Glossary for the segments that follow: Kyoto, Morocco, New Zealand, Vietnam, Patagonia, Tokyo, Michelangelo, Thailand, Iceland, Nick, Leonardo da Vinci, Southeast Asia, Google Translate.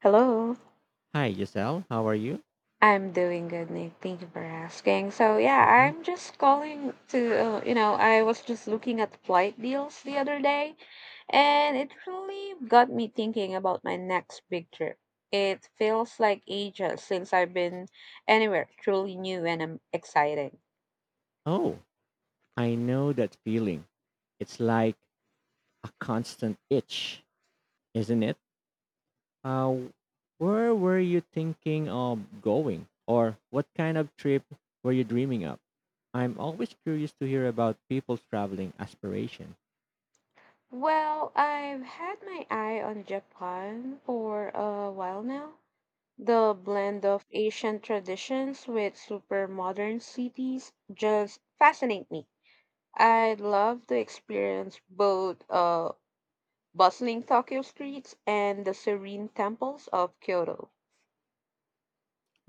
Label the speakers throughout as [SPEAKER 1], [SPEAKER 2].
[SPEAKER 1] Hello,
[SPEAKER 2] Hi, Giselle. How are you?
[SPEAKER 1] I'm doing good, Nick. Thank you for asking. So yeah,
[SPEAKER 2] Mhm.
[SPEAKER 1] I'm just calling to, I was just looking at flight deals the other day, and it really got me thinking about my next big trip. It feels like ages since I've been anywhere truly new and exciting.
[SPEAKER 2] Oh, I know that feeling. It's like a constant itch, isn't it? Uh, where were you thinking of going? Or what kind of trip were you dreaming of? I'm always curious to hear about people's traveling aspiration.
[SPEAKER 1] Well, I've had my eye on Japan for a while now. The blend of Asian traditions with super modern cities just fascinate me. I'd love to experience both bustling Tokyo streets and the serene temples of Kyoto.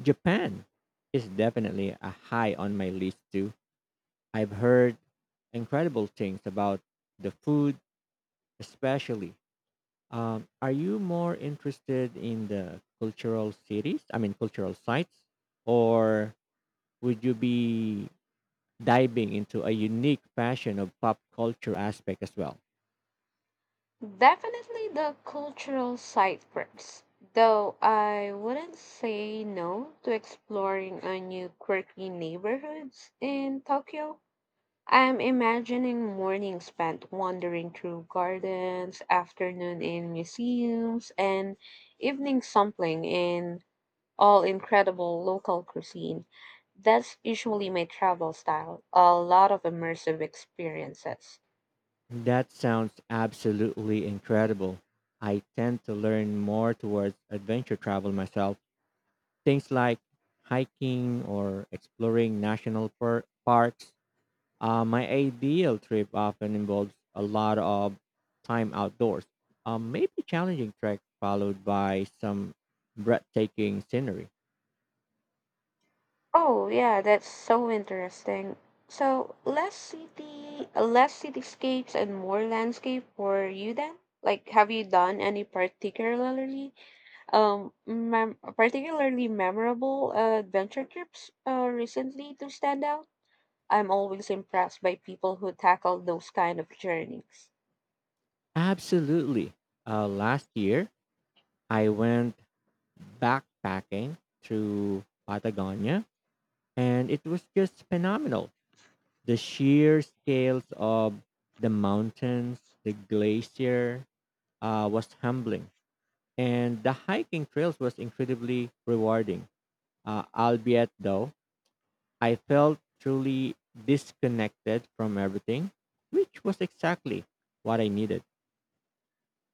[SPEAKER 2] Japan is definitely a high on my list too. I've heard incredible things about the food, especially. Are you more interested in the cultural cities? I mean, cultural sites, or would you be diving into a unique passion of pop culture aspect as well?
[SPEAKER 1] Definitely the cultural side perks, though I wouldn't say no to exploring a new quirky neighborhoods in Tokyo. I'm imagining morning spent wandering through gardens, afternoon in museums, and evening sampling in all incredible local cuisine. That's usually my travel style, a lot of immersive experiences.
[SPEAKER 2] That sounds absolutely incredible. I tend to learn more towards adventure travel myself. Things like hiking or exploring parks. My ideal trip often involves a lot of time outdoors, maybe challenging trek followed by some breathtaking scenery.
[SPEAKER 1] Oh yeah, that's so interesting. So less city, less cityscapes and more landscape for you then? Like, have you done any particularly? Particularly memorable adventure trips recently to stand out. I'm always impressed by people who tackle those kind of journeys.
[SPEAKER 2] Absolutely. Last year, I went backpacking through Patagonia, and it was just phenomenal. The sheer scales of the mountains, the glacier was humbling, and the hiking trails was incredibly rewarding. Albeit though, I felt truly disconnected from everything, which was exactly what I needed.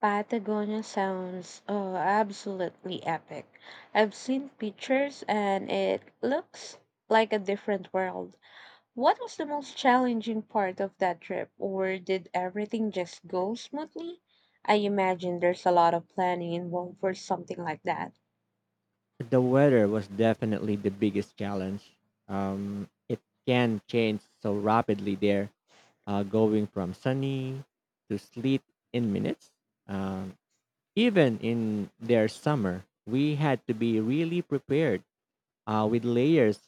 [SPEAKER 1] Patagonia sounds absolutely epic. I've seen pictures and it looks like a different world. What was the most challenging part of that trip or did everything just go smoothly? I imagine there's a lot of planning involved for something like that.
[SPEAKER 2] The weather was definitely the biggest challenge. It can change so rapidly there, going from sunny to sleet in minutes. Um, Even in their summer, we had to be really prepared with layers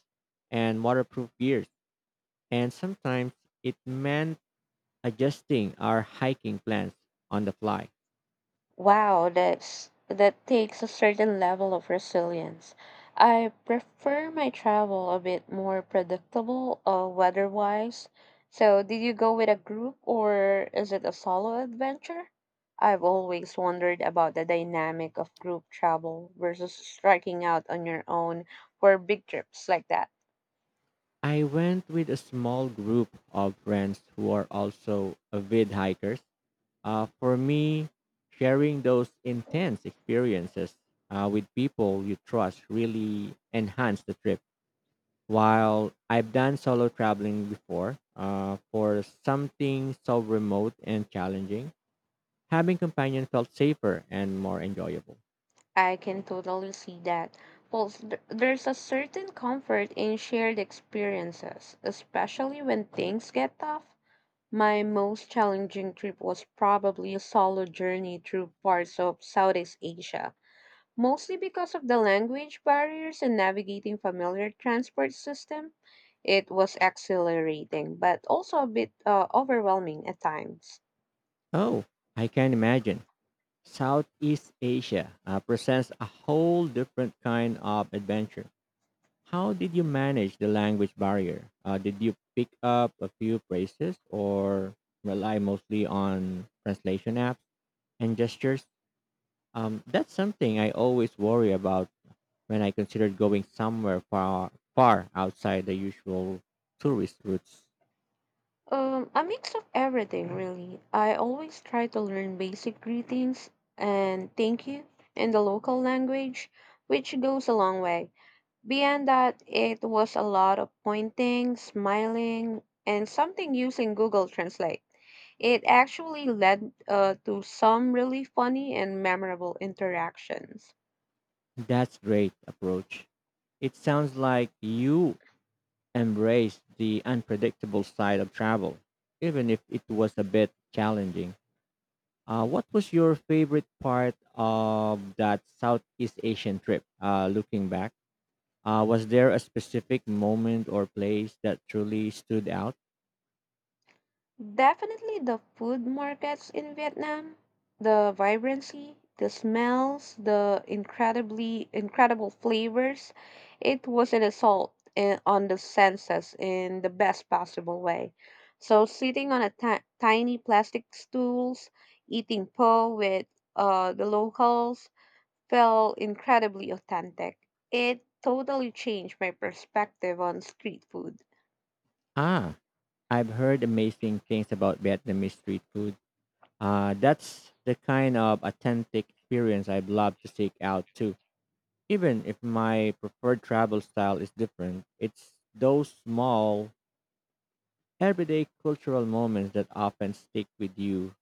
[SPEAKER 2] and waterproof gears. And sometimes it meant adjusting our hiking plans on the fly.
[SPEAKER 1] Wow, that takes a certain level of resilience. I prefer my travel a bit more predictable weather-wise. So, did you go with a group or is it a solo adventure? I've always wondered about the dynamic of group travel versus striking out on your own for big trips like that.
[SPEAKER 2] I went with a small group of friends who are also avid hikers. For me, sharing those intense experiences with people you trust really enhance the trip. While I've done solo traveling before, for something so remote and challenging, having companion felt safer and more enjoyable.
[SPEAKER 1] I can totally see that. Plus, there's a certain comfort in shared experiences, especially when things get tough. My most challenging trip was probably a solo journey through parts of Southeast Asia, mostly because of the language barriers and navigating familiar transport system. It was exhilarating, but also a bit overwhelming at times.
[SPEAKER 2] Oh, I can imagine. Southeast Asia presents a whole different kind of adventure. How did you manage the language barrier? Did you pick up a few phrases or rely mostly on translation apps and gestures? That's something I always worry about when I consider going somewhere far, far outside the usual tourist routes.
[SPEAKER 1] A mix of everything, really. I always try to learn basic greetings and thank you in the local language, which goes a long way. Beyond that, it was a lot of pointing, smiling, and something using Google Translate. It actually led to some really funny and memorable interactions.
[SPEAKER 2] That's great approach. It sounds like you embraced the unpredictable side of travel, even if it was a bit challenging. What was your favorite part of that Southeast Asian trip? Looking back, was there a specific moment or place that truly stood out?
[SPEAKER 1] Definitely the food markets in Vietnam, the vibrancy, the smells, the incredibly incredible flavors. It was an assault on the senses in the best possible way. So sitting on a tiny plastic stools, eating po with the locals felt incredibly authentic. It totally changed my perspective on street food.
[SPEAKER 2] Ah, I've heard amazing things about Vietnamese street food. That's the kind of authentic experience I'd love to seek out too. Even if my preferred travel style is different, it's those small everyday cultural moments that often stick with you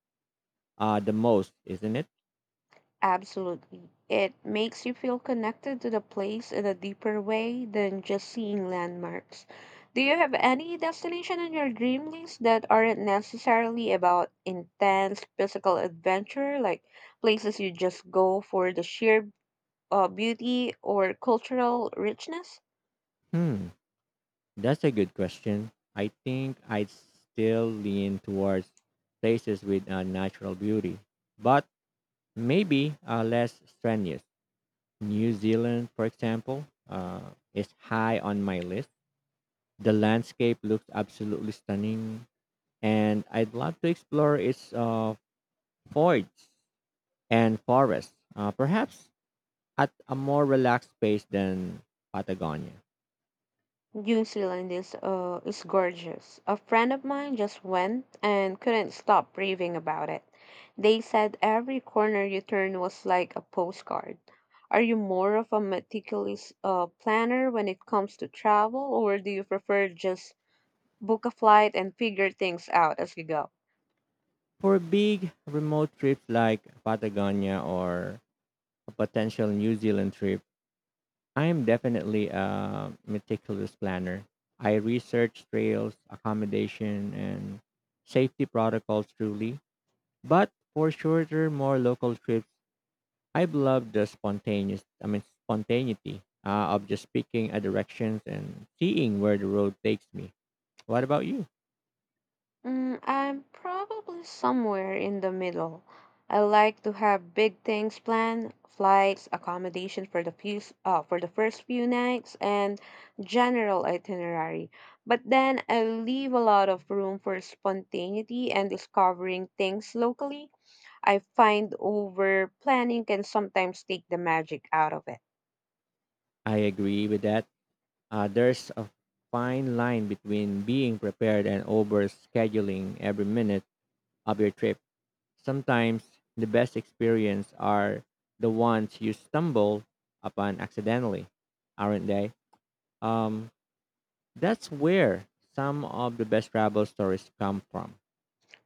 [SPEAKER 2] the most, isn't it?
[SPEAKER 1] Absolutely. It makes you feel connected to the place in a deeper way than just seeing landmarks. Do you have any destination on your dream list that aren't necessarily about intense physical adventure, like places you just go for the sheer beauty or cultural richness?
[SPEAKER 2] Hmm, that's a good question. I think I'd still lean towards places with natural beauty, but maybe less strenuous. New Zealand, for example, is high on my list. The landscape looks absolutely stunning, and I'd love to explore its forests and forests. Perhaps at a more relaxed pace than Patagonia.
[SPEAKER 1] New Zealand is gorgeous. A friend of mine just went and couldn't stop raving about it. They said every corner you turn was like a postcard. Are you more of a meticulous planner when it comes to travel, or do you prefer just book a flight and figure things out as you go?
[SPEAKER 2] For big remote trips like Patagonia or a potential New Zealand trip, I am definitely a meticulous planner. I research trails, accommodation, and safety protocols truly. But for shorter, more local trips, I love the spontaneity of just picking a directions and seeing where the road takes me. What about you?
[SPEAKER 1] I'm probably somewhere in the middle. I like to have big things planned, flights, accommodation for the few, for the first few nights, and general itinerary. But then I leave a lot of room for spontaneity and discovering things locally. I find over planning can sometimes take the magic out of it.
[SPEAKER 2] I agree with that. There's a fine line between being prepared and overscheduling every minute of your trip. Sometimes the best experience are the ones you stumble upon accidentally, aren't they? Um, that's where some of the best travel stories come from.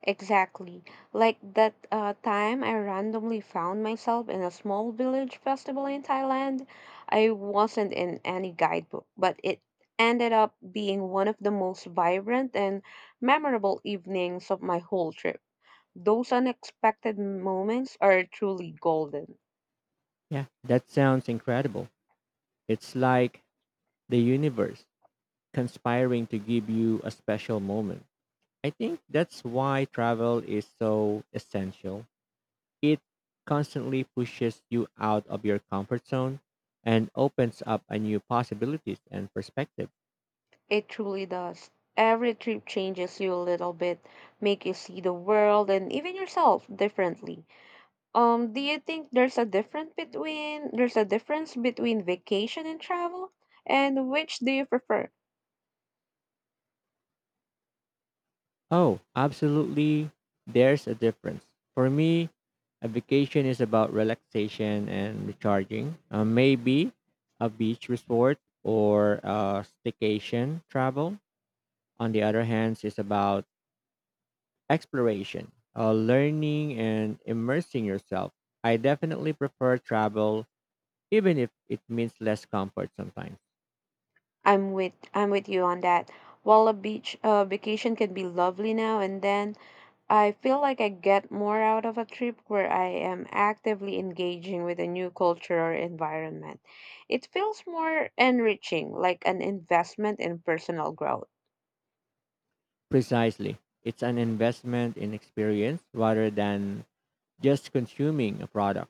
[SPEAKER 1] Exactly. Like that time I randomly found myself in a small village festival in Thailand. I wasn't in any guidebook, but it ended up being one of the most vibrant and memorable evenings of my whole trip. Those unexpected moments are truly golden.
[SPEAKER 2] Yeah, that sounds incredible. It's like the universe conspiring to give you a special moment. I think that's why travel is so essential. It constantly pushes you out of your comfort zone and opens up a new possibilities and perspective.
[SPEAKER 1] It truly does. Every trip changes you a little bit, make you see the world and even yourself differently. Do you think there's a difference between vacation and travel? And which do you prefer?
[SPEAKER 2] Oh, absolutely. There's a difference. For me, a vacation is about relaxation and recharging. Maybe a beach resort or a staycation travel. On the other hand, is about exploration, learning, and immersing yourself. I definitely prefer travel, even if it means less comfort sometimes.
[SPEAKER 1] I'm with you on that. While a beach vacation can be lovely now and then, I feel like I get more out of a trip where I am actively engaging with a new culture or environment. It feels more enriching, like an investment in personal growth.
[SPEAKER 2] Precisely. It's an investment in experience rather than just consuming a product.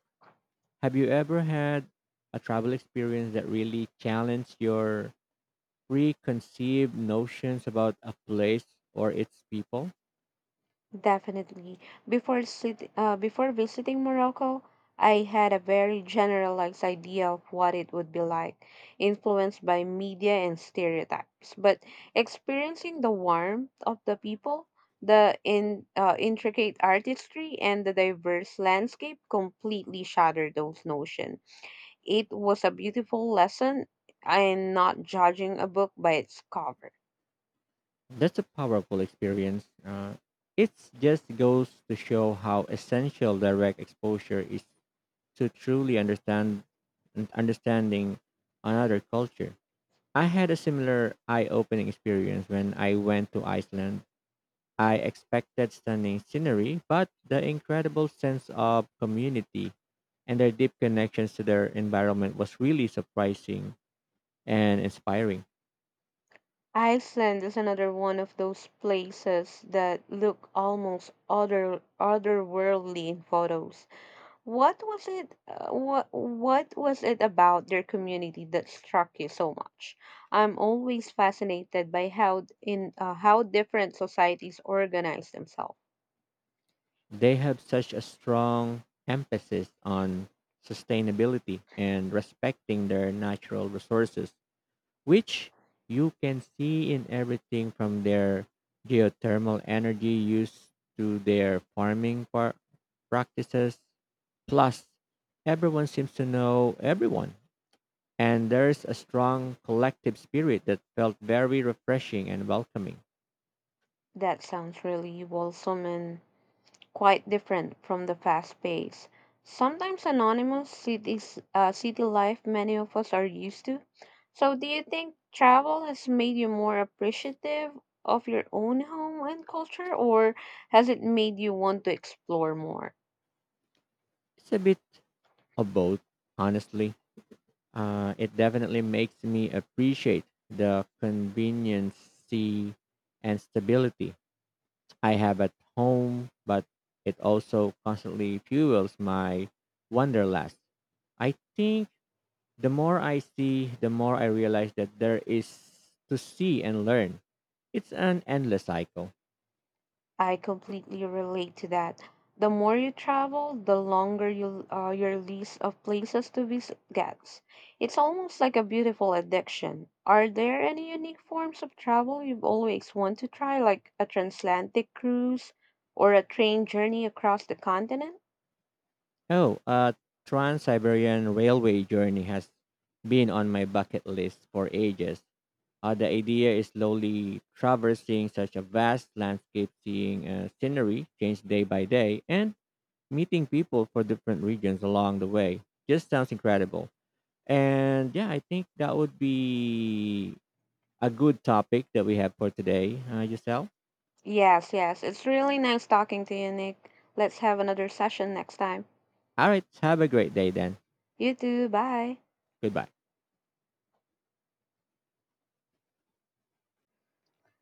[SPEAKER 2] Have you ever had a travel experience that really challenged your preconceived notions about a place or its people?
[SPEAKER 1] Definitely. Before visiting Morocco, I had a very generalized idea of what it would be like, influenced by media and stereotypes. But experiencing the warmth of the people, the intricate artistry, and the diverse landscape completely shattered those notions. It was a beautiful lesson in not judging a book by its cover.
[SPEAKER 2] That's a powerful experience. It just goes to show how essential direct exposure is to truly understand understanding another culture. I had a similar eye-opening experience when I went to Iceland. I expected stunning scenery, but the incredible sense of community and their deep connections to their environment was really surprising and inspiring.
[SPEAKER 1] Iceland is another one of those places that look almost otherworldly in photos. What was it? What was it about their community that struck you so much? I'm always fascinated by how d- in how different societies organize themselves.
[SPEAKER 2] They have such a strong emphasis on sustainability and respecting their natural resources, which you can see in everything from their geothermal energy use to their practices. Plus, everyone seems to know everyone, and there's a strong collective spirit that felt very refreshing and welcoming.
[SPEAKER 1] That sounds really wholesome and quite different from the fast pace, sometimes anonymous cities, city life many of us are used to. So, do you think travel has made you more appreciative of your own home and culture, or has it made you want to explore more?
[SPEAKER 2] It's a bit of both, honestly. It definitely makes me appreciate the conveniency and stability I have at home, but it also constantly fuels my wanderlust. I think the more I see, the more I realize that there is to see and learn. It's an endless cycle.
[SPEAKER 1] I completely relate to that. The more you travel, the longer you, your list of places to visit gets. It's almost like a beautiful addiction. Are there any unique forms of travel you've always wanted to try, like a transatlantic cruise or a train journey across the continent?
[SPEAKER 2] Oh, a Trans Siberian Railway journey has been on my bucket list for ages. The idea is slowly traversing such a vast landscape, seeing scenery change day by day, and meeting people for different regions along the way. Just sounds incredible. And yeah, I think that would be a good topic that we have for today, Giselle.
[SPEAKER 1] Yes, yes. It's really nice talking to you, Nick. Let's have another session next time.
[SPEAKER 2] All right, have a great day then.
[SPEAKER 1] You too. Bye.
[SPEAKER 2] Goodbye.